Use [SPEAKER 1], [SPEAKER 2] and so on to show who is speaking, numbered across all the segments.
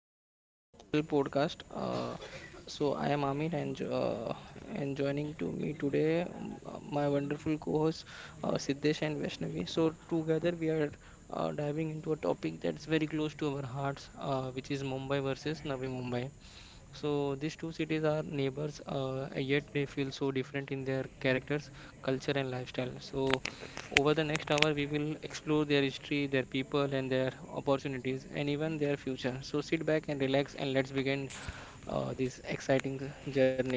[SPEAKER 1] our special podcast. So I am Amit and and joining to me today my wonderful co-host Siddesh and Vaishnavi. So together we are diving into a topic that's very close to our hearts, which is Mumbai versus Navi Mumbai. So these two cities are neighbors, yet they feel so different in their characters, culture, and lifestyle. So over the next hour, we will explore their history, their people, and their opportunities, and even their future. So sit back and relax, and let's begin this exciting journey.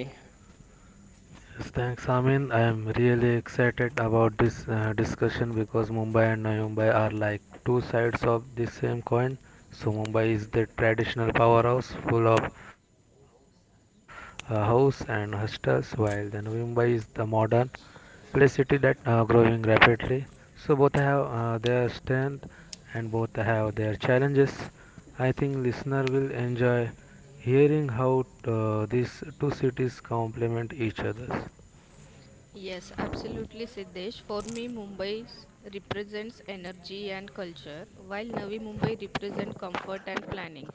[SPEAKER 2] Yes, thanks, Amin. I am really excited about this discussion because Mumbai and Navi Mumbai are like two sides of the same coin. So Mumbai is the traditional powerhouse full of house and hostels, while the Navi Mumbai is the modern play city that growing rapidly. So both have their strength, and both have their challenges. I think listener will enjoy hearing how these two cities complement each other.
[SPEAKER 3] Yes, absolutely, Siddesh. For me, represents energy and culture, while Navi Mumbai represents comfort and planning.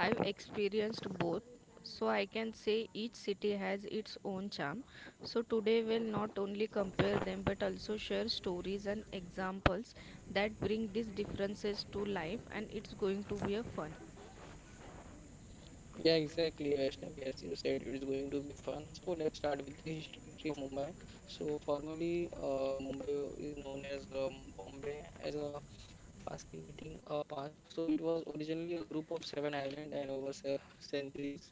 [SPEAKER 3] I've experienced both, so I can say each city has its own charm. So today, we'll not only compare them but also share stories and examples that bring these differences to life, and it's going to be a fun.
[SPEAKER 1] Yeah, exactly, Vaishnavi. Yes, you said, it's going to be fun. So let's start with the history of Mumbai. So formerly, Mumbai is known as Bombay as a fascinating past. So it was originally a group of seven islands and over se centuries.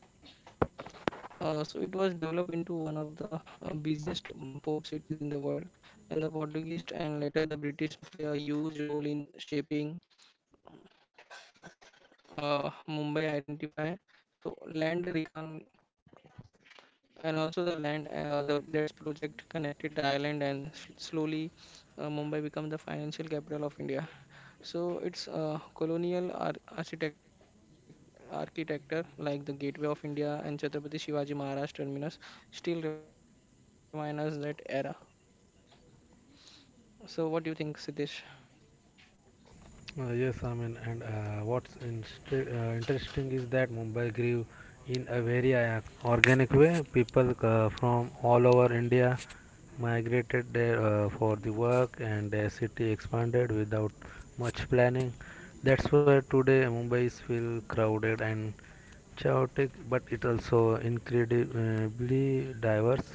[SPEAKER 1] So it was developed into one of the busiest port cities in the world. And the Portuguese and later the British play a huge role in shaping Mumbai identify. So land recon and also the land the that's project connected the island and s- slowly Mumbai become the financial capital of India. So it's colonial architect architecture like the Gateway of India and Chhatrapati Shivaji Maharaj Terminus still remind us that era. So what do you think, Siddesh?
[SPEAKER 2] Yes, I mean, and what's interesting is that Mumbai grew in a very organic way. People from all over India migrated there for the work, and the city expanded without much planning. That's why today Mumbai is feel crowded and chaotic, but it also incredibly diverse.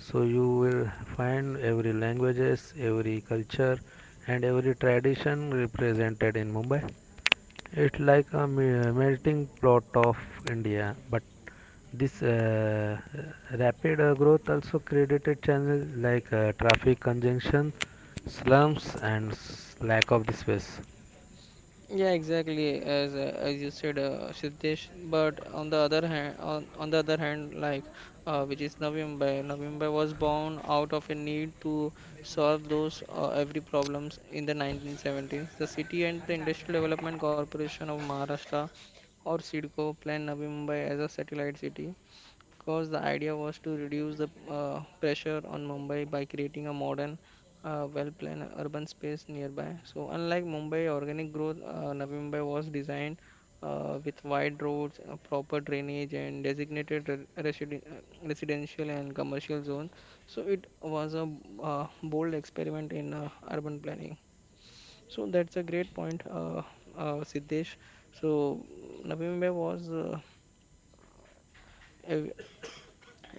[SPEAKER 2] So you will find every languages, every culture, and every tradition represented in Mumbai. It's like a melting pot of India, but this rapid growth also created channels like traffic congestion, slums, and lack of the space.
[SPEAKER 1] Yeah, exactly. As you said, Siddesh. But on the other hand, on the other hand, like which is Navimbai. Navimbai was born out of a need to solve those every problems in the 1970s. The city and the Industrial Development Corporation of Maharashtra, or SIDCO planned Navi Mumbai as a satellite city because the idea was to reduce the pressure on Mumbai by creating a modern, well-planned urban space nearby. So, unlike Mumbai, organic growth, Navi Mumbai was designed with wide roads, proper drainage, and designated residential and commercial zone. So, it was a bold experiment in urban planning. So, that's a great point, Siddesh. So, Navi Mumbai was ev-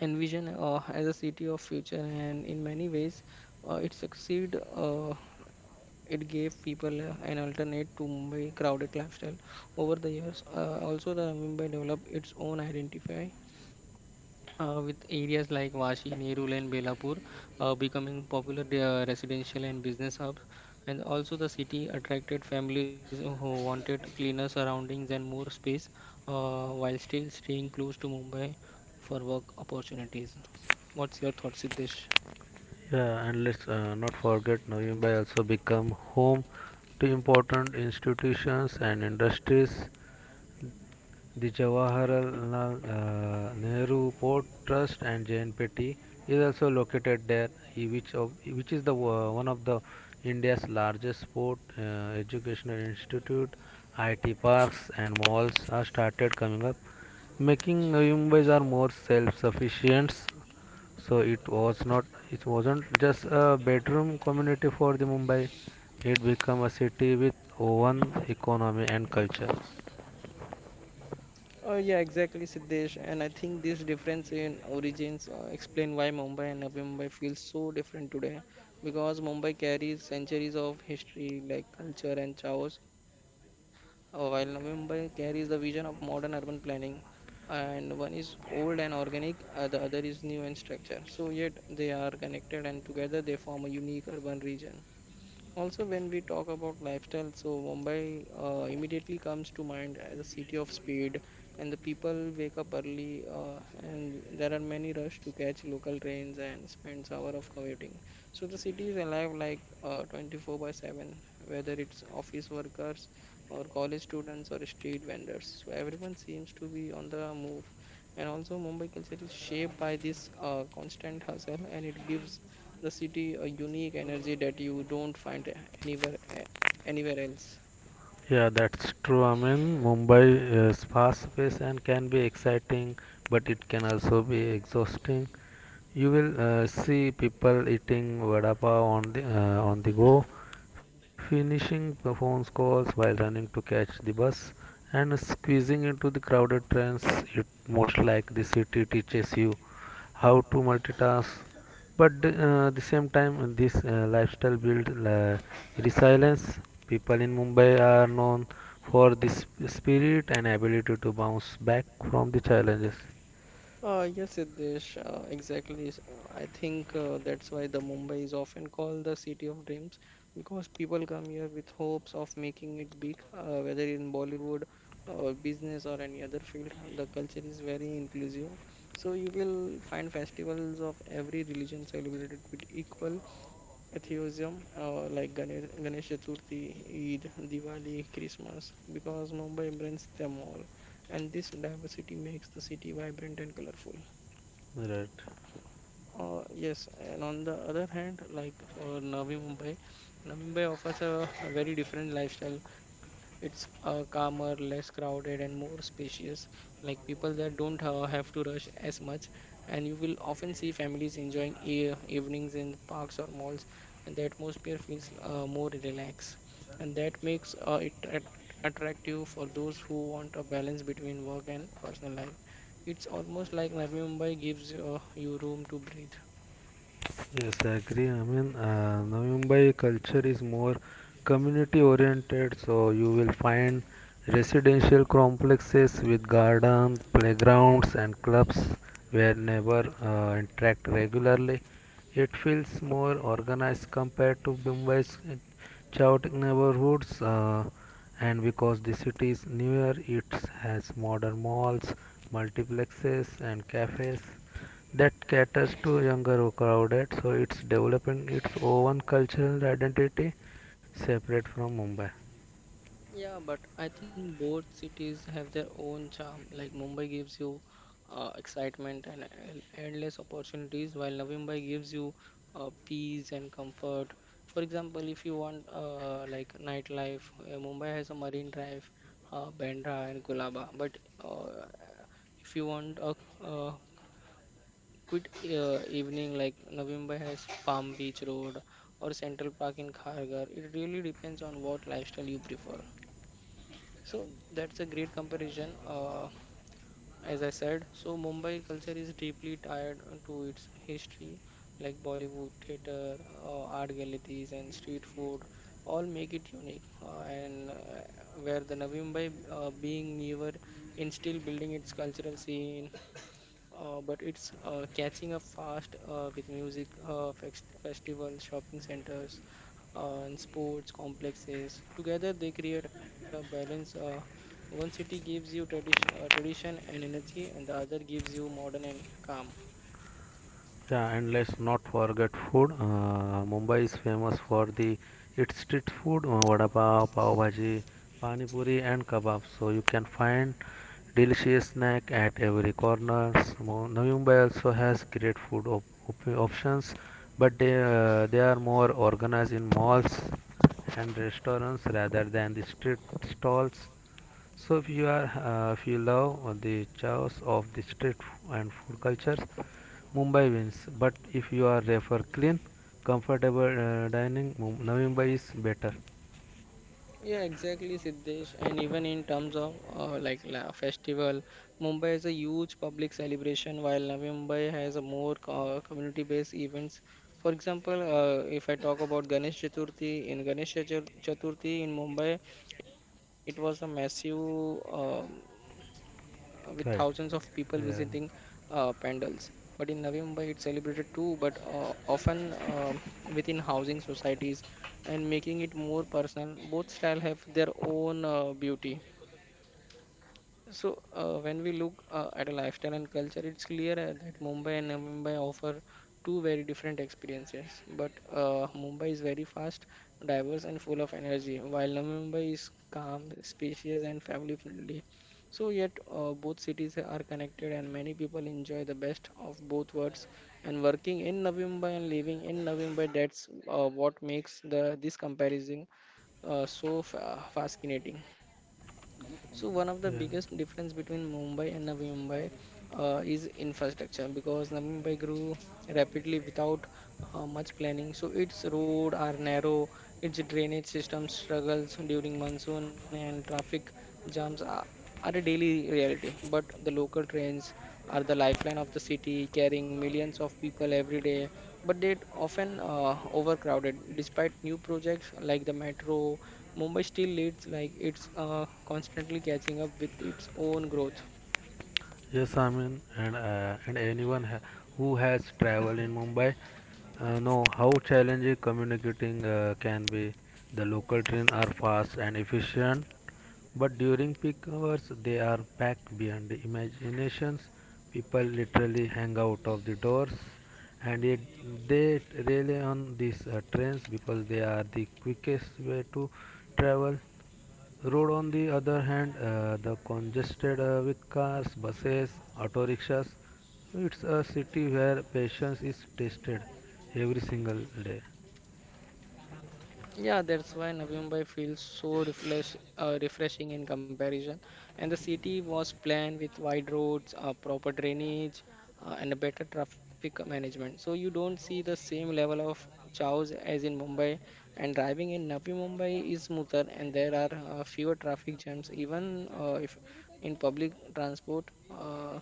[SPEAKER 1] envision as a city of future and in many ways it succeed, it gave people an alternate to mumbai crowded lifestyle over the years, also the mumbai developed its own identity with areas like Vashi, Nerul, and Belapur becoming popular residential and business hubs. And also, the city attracted families who wanted cleaner surroundings and more space while still staying close to Mumbai for work opportunities. What's your thought, Siddesh?
[SPEAKER 2] Yeah, and let's not forget Navi Mumbai also become home to important institutions and industries. The Jawaharlal Nehru Port Trust and JNPT is also located there, which is the one of the India's largest port educational institute. IT parks and malls are started coming up, making Mumbai's are more self-sufficient. So it was not, it wasn't just a bedroom community for the Mumbai. It became a city with own economy and culture.
[SPEAKER 1] Yeah, exactly, Siddesh. And I think this difference in origins explain why Mumbai and Navi Mumbai feel so different today. Because Mumbai carries centuries of history, like culture and chaos, while Navi Mumbai carries the vision of modern urban planning. And one is old and organic, the other is new and structured. So yet they are connected, and together they form a unique urban region. Also, when we talk about lifestyle, so Mumbai immediately comes to mind as a city of speed, and the people wake up early, and there are many rush to catch local trains and spends hour of commuting. So the city is alive like 24/7, whether it's office workers or college students or street vendors. So everyone seems to be on the move, and also Mumbai culture is shaped by this constant hustle, and it gives the city a unique energy that you don't find anywhere e- anywhere else.
[SPEAKER 2] Yeah, that's true. I mean, Mumbai is fast paced and can be exciting, but it can also be exhausting. You will see people eating vada pav on the go, finishing the phone calls while running to catch the bus, and squeezing into the crowded trains. It most like the city teaches you how to multitask, but the same time this lifestyle builds resilience. People in Mumbai are known for this spirit and ability to bounce back from the challenges.
[SPEAKER 1] Yes, Siddesh, exactly. I think that's why the Mumbai is often called the city of dreams because people come here with hopes of making it big, whether in Bollywood or business or any other field. The culture is very inclusive, so you will find festivals of every religion celebrated with equal atheism like Ganesh, Ganesh Chaturthi, Eid, Diwali, Christmas because Mumbai embraces them all and this diversity makes the city vibrant and colorful.
[SPEAKER 2] Right.
[SPEAKER 1] Yes, and on the other hand, like for Navi Mumbai, Navi Mumbai offers a very different lifestyle. It's calmer, less crowded, and more spacious. Like people there don't have to rush as much, and you will often see families enjoying e evenings in parks or malls, and the atmosphere feels more relaxed. And that makes it at attractive for those who want a balance between work and personal life. It's almost like Navi Mumbai gives you room to breathe.
[SPEAKER 2] Yes, I agree. I mean, Navi Mumbai culture is more community oriented, so you will find residential complexes with gardens, playgrounds, and clubs where neighbors interact regularly. It feels more organized compared to Mumbai's chaotic neighborhoods, and because the city is newer, it has modern malls, multiplexes, and cafes that caters to younger crowd. So it's developing its own cultural identity separate from Mumbai.
[SPEAKER 1] Yeah, but I think both cities have their own charm. Like Mumbai gives you excitement and endless opportunities, while Navi Mumbai gives you peace and comfort. For example, if you want like nightlife, Mumbai has a Marine Drive, Bandra and Kulaba. But uh, if you want a uh, good evening, like Navi Mumbai has Palm Beach Road or Central Park in Kharghar. It really depends on what lifestyle you prefer. So that's a great comparison. As I said, so Mumbai culture is deeply tied to its history, like Bollywood, theater, art galleries, and street food, all make it unique. And where the Navi Mumbai being newer in still building its cultural scene, but it's catching up fast with music festivals, shopping centers, and sports complexes. Together, they create a balance. One city gives you tradition, tradition and energy, and the other gives you modern and calm.
[SPEAKER 2] Yeah, and let's not forget food. Mumbai is famous for the its street food, vada pav, pav bhaji, pani puri, and kebab. So you can find delicious snack at every corner. Navi Mumbai also has great food options, but they are more organized in malls and restaurants rather than the street stalls. So if you are if you love the chaos of the street and food cultures. Mumbai wins. But if you are refer clean, comfortable dining, Navi Mumbai is better.
[SPEAKER 1] Yeah, exactly, Siddesh. And even in terms of like la festival, Mumbai is a huge public celebration, while Navi Mumbai has a more community-based events. For example, if I talk about Ganesh Chaturthi, in Chaturthi in Mumbai, it was a massive um with thousands of
[SPEAKER 2] Right.
[SPEAKER 1] people visiting
[SPEAKER 2] Yeah.
[SPEAKER 1] pandals. But in Navi Mumbai, it's celebrated too, but often within housing societies and making it more personal. Both style have their own beauty. So, when we look at a lifestyle and culture, it's clear that Mumbai and Mumbai offer two very different experiences. But Mumbai is very fast, diverse, and full of energy, while Navi Mumbai is calm, spacious, and family friendly. So, yet both cities are connected, and many people enjoy the best of both worlds. And working in Navi Mumbai and living in Navi Mumbai, that's what makes the this comparison so fascinating. So one of the
[SPEAKER 2] Yeah.
[SPEAKER 1] biggest difference between Mumbai and Navi Mumbai is infrastructure because Navi Mumbai grew rapidly without much planning. So its road are narrow, its drainage system struggles during monsoon and traffic jams. Are a daily reality, but the local trains are the lifeline of the city, carrying millions of people every day. But they often overcrowded. Despite new projects like the metro, Mumbai still leads like it's constantly catching up with its own growth.
[SPEAKER 2] Yes, I mean, and and anyone who has traveled in Mumbai know how challenging communicating can be. The local trains are fast and efficient, but during peak hours they are packed beyond the imaginations. People literally hang out of the doors, and yet they rely on these trains because they are the quickest way to travel. Road, on the other hand, the congested with cars, buses, auto rickshaws. It's a city where patience is tested every single day.
[SPEAKER 1] Yeah, that's why Navi Mumbai feels so refreshing in comparison. And the city was planned with wide roads, proper drainage, and a better traffic management. So you don't see the same level of chaos as in Mumbai. And driving in Navi Mumbai is smoother, and there are fewer traffic jams, even if in public transport. Uh,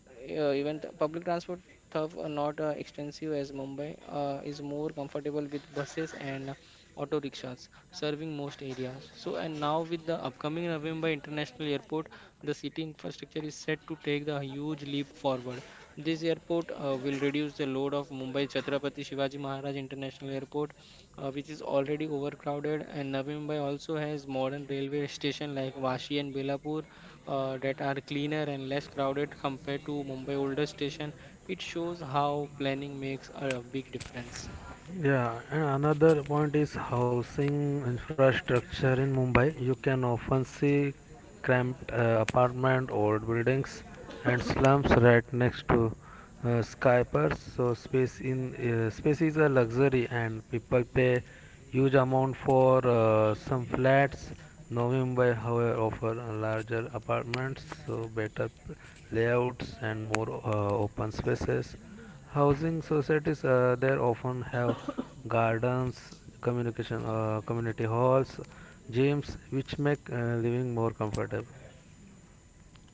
[SPEAKER 1] uh, Even the public transport tough are not extensive as Mumbai is more comfortable with buses and auto rickshaws serving most areas. So and now with the upcoming Navi Mumbai International Airport, the city infrastructure is set to take the huge leap forward. This airport will reduce the load of Mumbai Chhatrapati Shivaji Maharaj International Airport, which is already overcrowded, and Navi Mumbai also has modern railway station like Vashi and Belapur that are cleaner and less crowded compared to Mumbai older station. It shows how planning makes a big difference.
[SPEAKER 2] Yeah, and another point is housing infrastructure in Mumbai. You can often see cramped apartment old buildings and slums right next to skyscrapers. So space in space is a luxury, and people pay huge amount for some flats. Now Mumbai, however, offer a larger apartments, so better layouts and more open spaces. Housing societies there often have gardens, communication community halls, gyms, which make living more comfortable.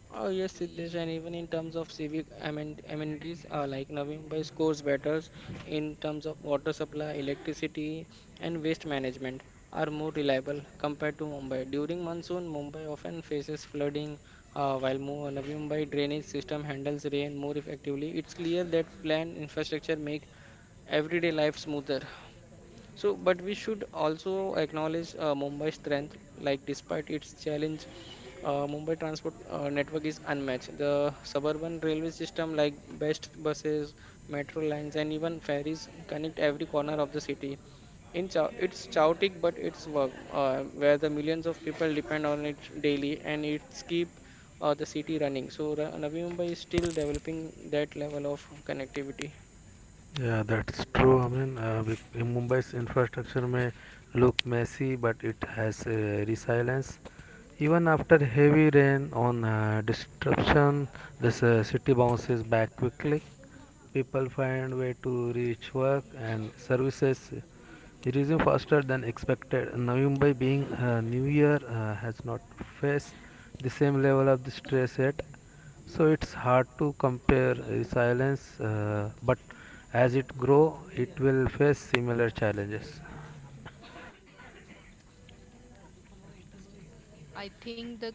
[SPEAKER 1] Oh yes, Siddesh, and even in terms of amenities, like Navi Mumbai scores better in terms of water supply, electricity, and waste management are more reliable compared to Mumbai. During monsoon, Mumbai often faces flooding, while Navi Mumbai drainage system handles rain more effectively. It's clear that planned infrastructure make everyday life smoother. So, but we should also acknowledge Mumbai's strength. Like, despite its challenge, Mumbai transport network is unmatched. The suburban railway system, like best buses, metro lines, and even ferries, connect every corner of the city. In Chao, it's chaotic, but it's work where the millions of people depend on it daily, and it's keep the city running. So, Navi Mumbai is still developing that level of connectivity.
[SPEAKER 2] Yeah, that's true. I mean, in Mumbai's infrastructure may look messy, but it has resilience. Even after heavy rain on disruption, this city bounces back quickly. People find way to reach work, and services resume faster than expected. Navi Mumbai being a New Year has not faced the same level of the stress yet. So it's hard to compare resilience, but as it grow, it will face similar challenges.
[SPEAKER 3] I think the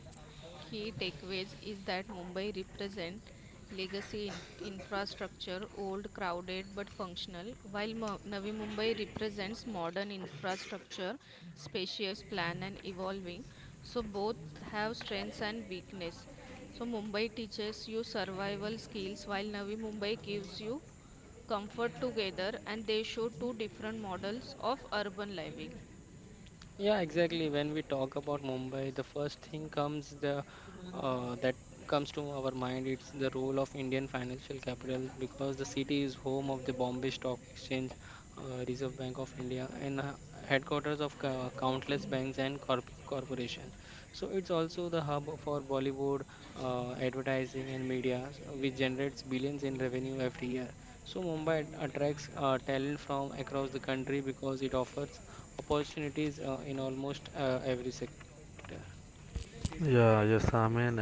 [SPEAKER 3] key takeaways is that Mumbai represent legacy infrastructure, old, crowded but functional, while Navi Mumbai represents modern infrastructure, spacious, planned and evolving. So both have strengths and weakness. So Mumbai teaches you survival skills, while Navi Mumbai gives you comfort together, and they show two different models of urban living.
[SPEAKER 1] Yeah, exactly. When we talk about Mumbai, the first thing comes the that comes to our mind. It's the role of Indian financial capital because the city is home of the Bombay Stock Exchange, Reserve Bank of India, and headquarters of countless banks and corp corporation. So it's also the hub for Bollywood advertising and media, which generates billions in revenue every year. So Mumbai attracts talent from across the country because it offers opportunities in almost every sector.
[SPEAKER 2] Yeah, yes, I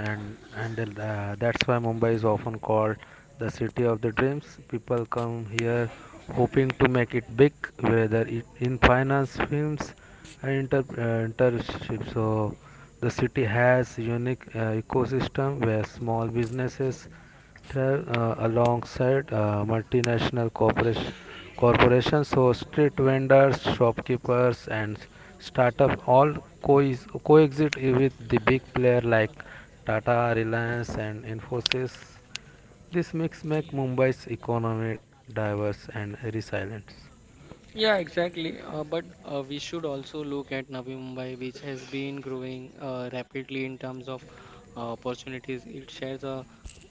[SPEAKER 2] and that's why Mumbai is often called the city of the dreams. People come here hoping to make it big, whether it in finance, films, and internship. So the city has unique ecosystem where small businesses alongside corporations. So street vendors, shopkeepers, and startup all coexist with the big player like Tata, Reliance, and Infosys. This makes make Mumbai's economy diverse and resilient.
[SPEAKER 1] Yeah, exactly. But we should also look at Navi Mumbai, which has been growing rapidly in terms of opportunities. It shares a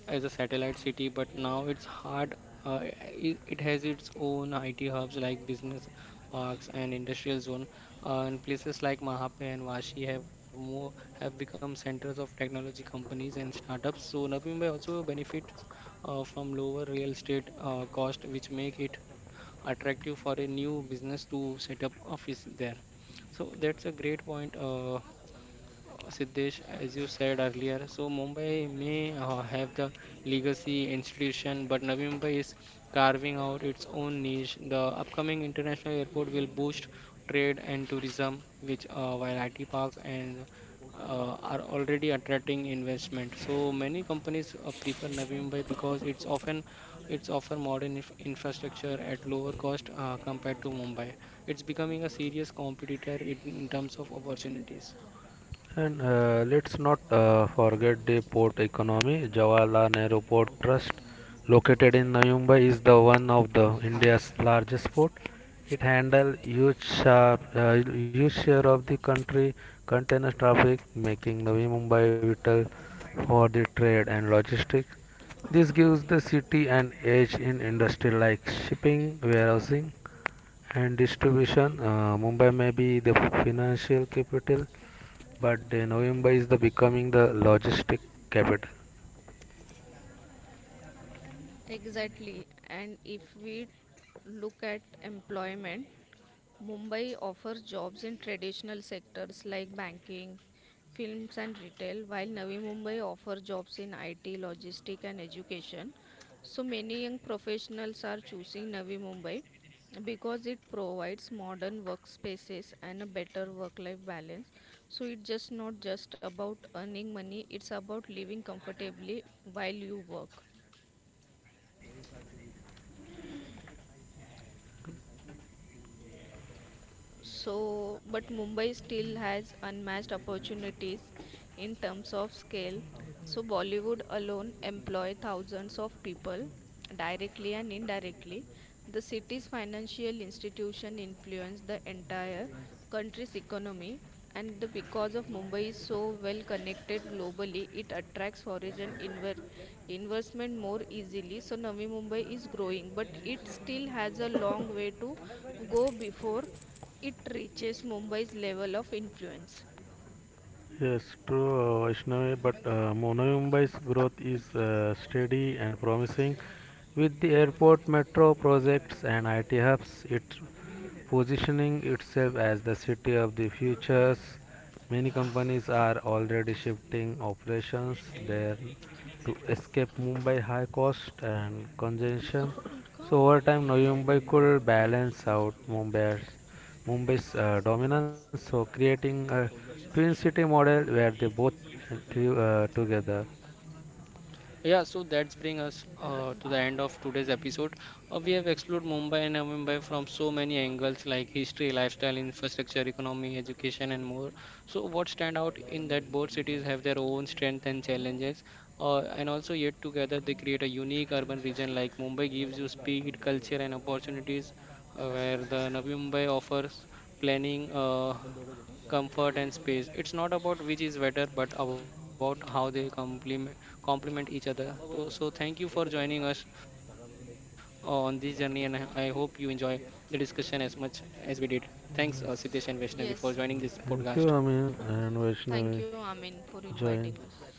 [SPEAKER 1] as a satellite city, but now it's hard. It has its own IT hubs like business parks and industrial zone, and places like Mahape and Vashi have become centers of technology companies and startups. So Navi Mumbai also benefits from lower real estate cost, which make it attractive for a new business to set up office there. So that's a great point, Siddesh, as you said earlier, so Mumbai may have the legacy institution, but Navi Mumbai is carving out its own niche. The upcoming international airport will boost trade and tourism, which while IT Park and are already attracting investment. So many companies prefer Navi Mumbai because it's often it's offer modern infrastructure at lower cost compared to Mumbai. It's becoming a serious competitor in terms of opportunities.
[SPEAKER 2] And let's not forget the port economy. Jawaharlal Nehru Port Trust, located in Navi Mumbai, is the one of the India's largest port. It handles huge share of the country container traffic, making Navi Mumbai vital for the trade and logistics. This gives the city an edge in industry like shipping, warehousing, and distribution. Mumbai may be the financial capital, but Noimba is the becoming the logistic capital.
[SPEAKER 3] Exactly. And if we look at employment, Mumbai offers jobs in traditional sectors like banking, films and retail, while Navi Mumbai offers jobs in IT, logistics, and education. So many young professionals are choosing Navi Mumbai because it provides modern workspaces and a better work life balance. So it's just not just about earning money, it's about living comfortably while you work. So, but Mumbai still has unmatched opportunities in terms of scale. So, Bollywood alone employ thousands of people directly and indirectly. The city's financial institution influence the entire country's economy and because of Mumbai is so well connected globally, it attracts foreign inver- investment more easily. So Navi Mumbai is growing, but it still has a long way to go before it reaches Mumbai's level of influence.
[SPEAKER 2] Yes, true, Vaishnavi, but Novi Mumbai's growth is steady and promising. With the airport metro projects and IT hubs, it's positioning itself as the city of the futures. Many companies are already shifting operations there to escape Mumbai high cost and congestion. So over time, Novi Mumbai could balance out Mumbai's dominance, so creating a twin city model where they both thrive together.
[SPEAKER 1] Yeah, so that's bring us to the end of today's episode. We have explored Mumbai and Navi Mumbai from so many angles like history, lifestyle, infrastructure, economy, education, and more. So what stand out in that both cities have their own strength and challenges, and also yet together they create a unique urban region. Like Mumbai gives you speed, culture, and opportunities, where the Navi Mumbai offers planning. Comfort and space. It's not about which is better, but about how they complement each other. So thank you for joining us on this journey, and I hope you enjoy the discussion as much as we did. Thanks, Siddesh and
[SPEAKER 2] Yes.
[SPEAKER 1] Vaishnavi, for joining this
[SPEAKER 3] Yes,
[SPEAKER 1] podcast.
[SPEAKER 2] Thank you, Amin and
[SPEAKER 3] thank
[SPEAKER 2] Vaishnavi.
[SPEAKER 3] you, Amin, for
[SPEAKER 2] Join.
[SPEAKER 3] inviting us.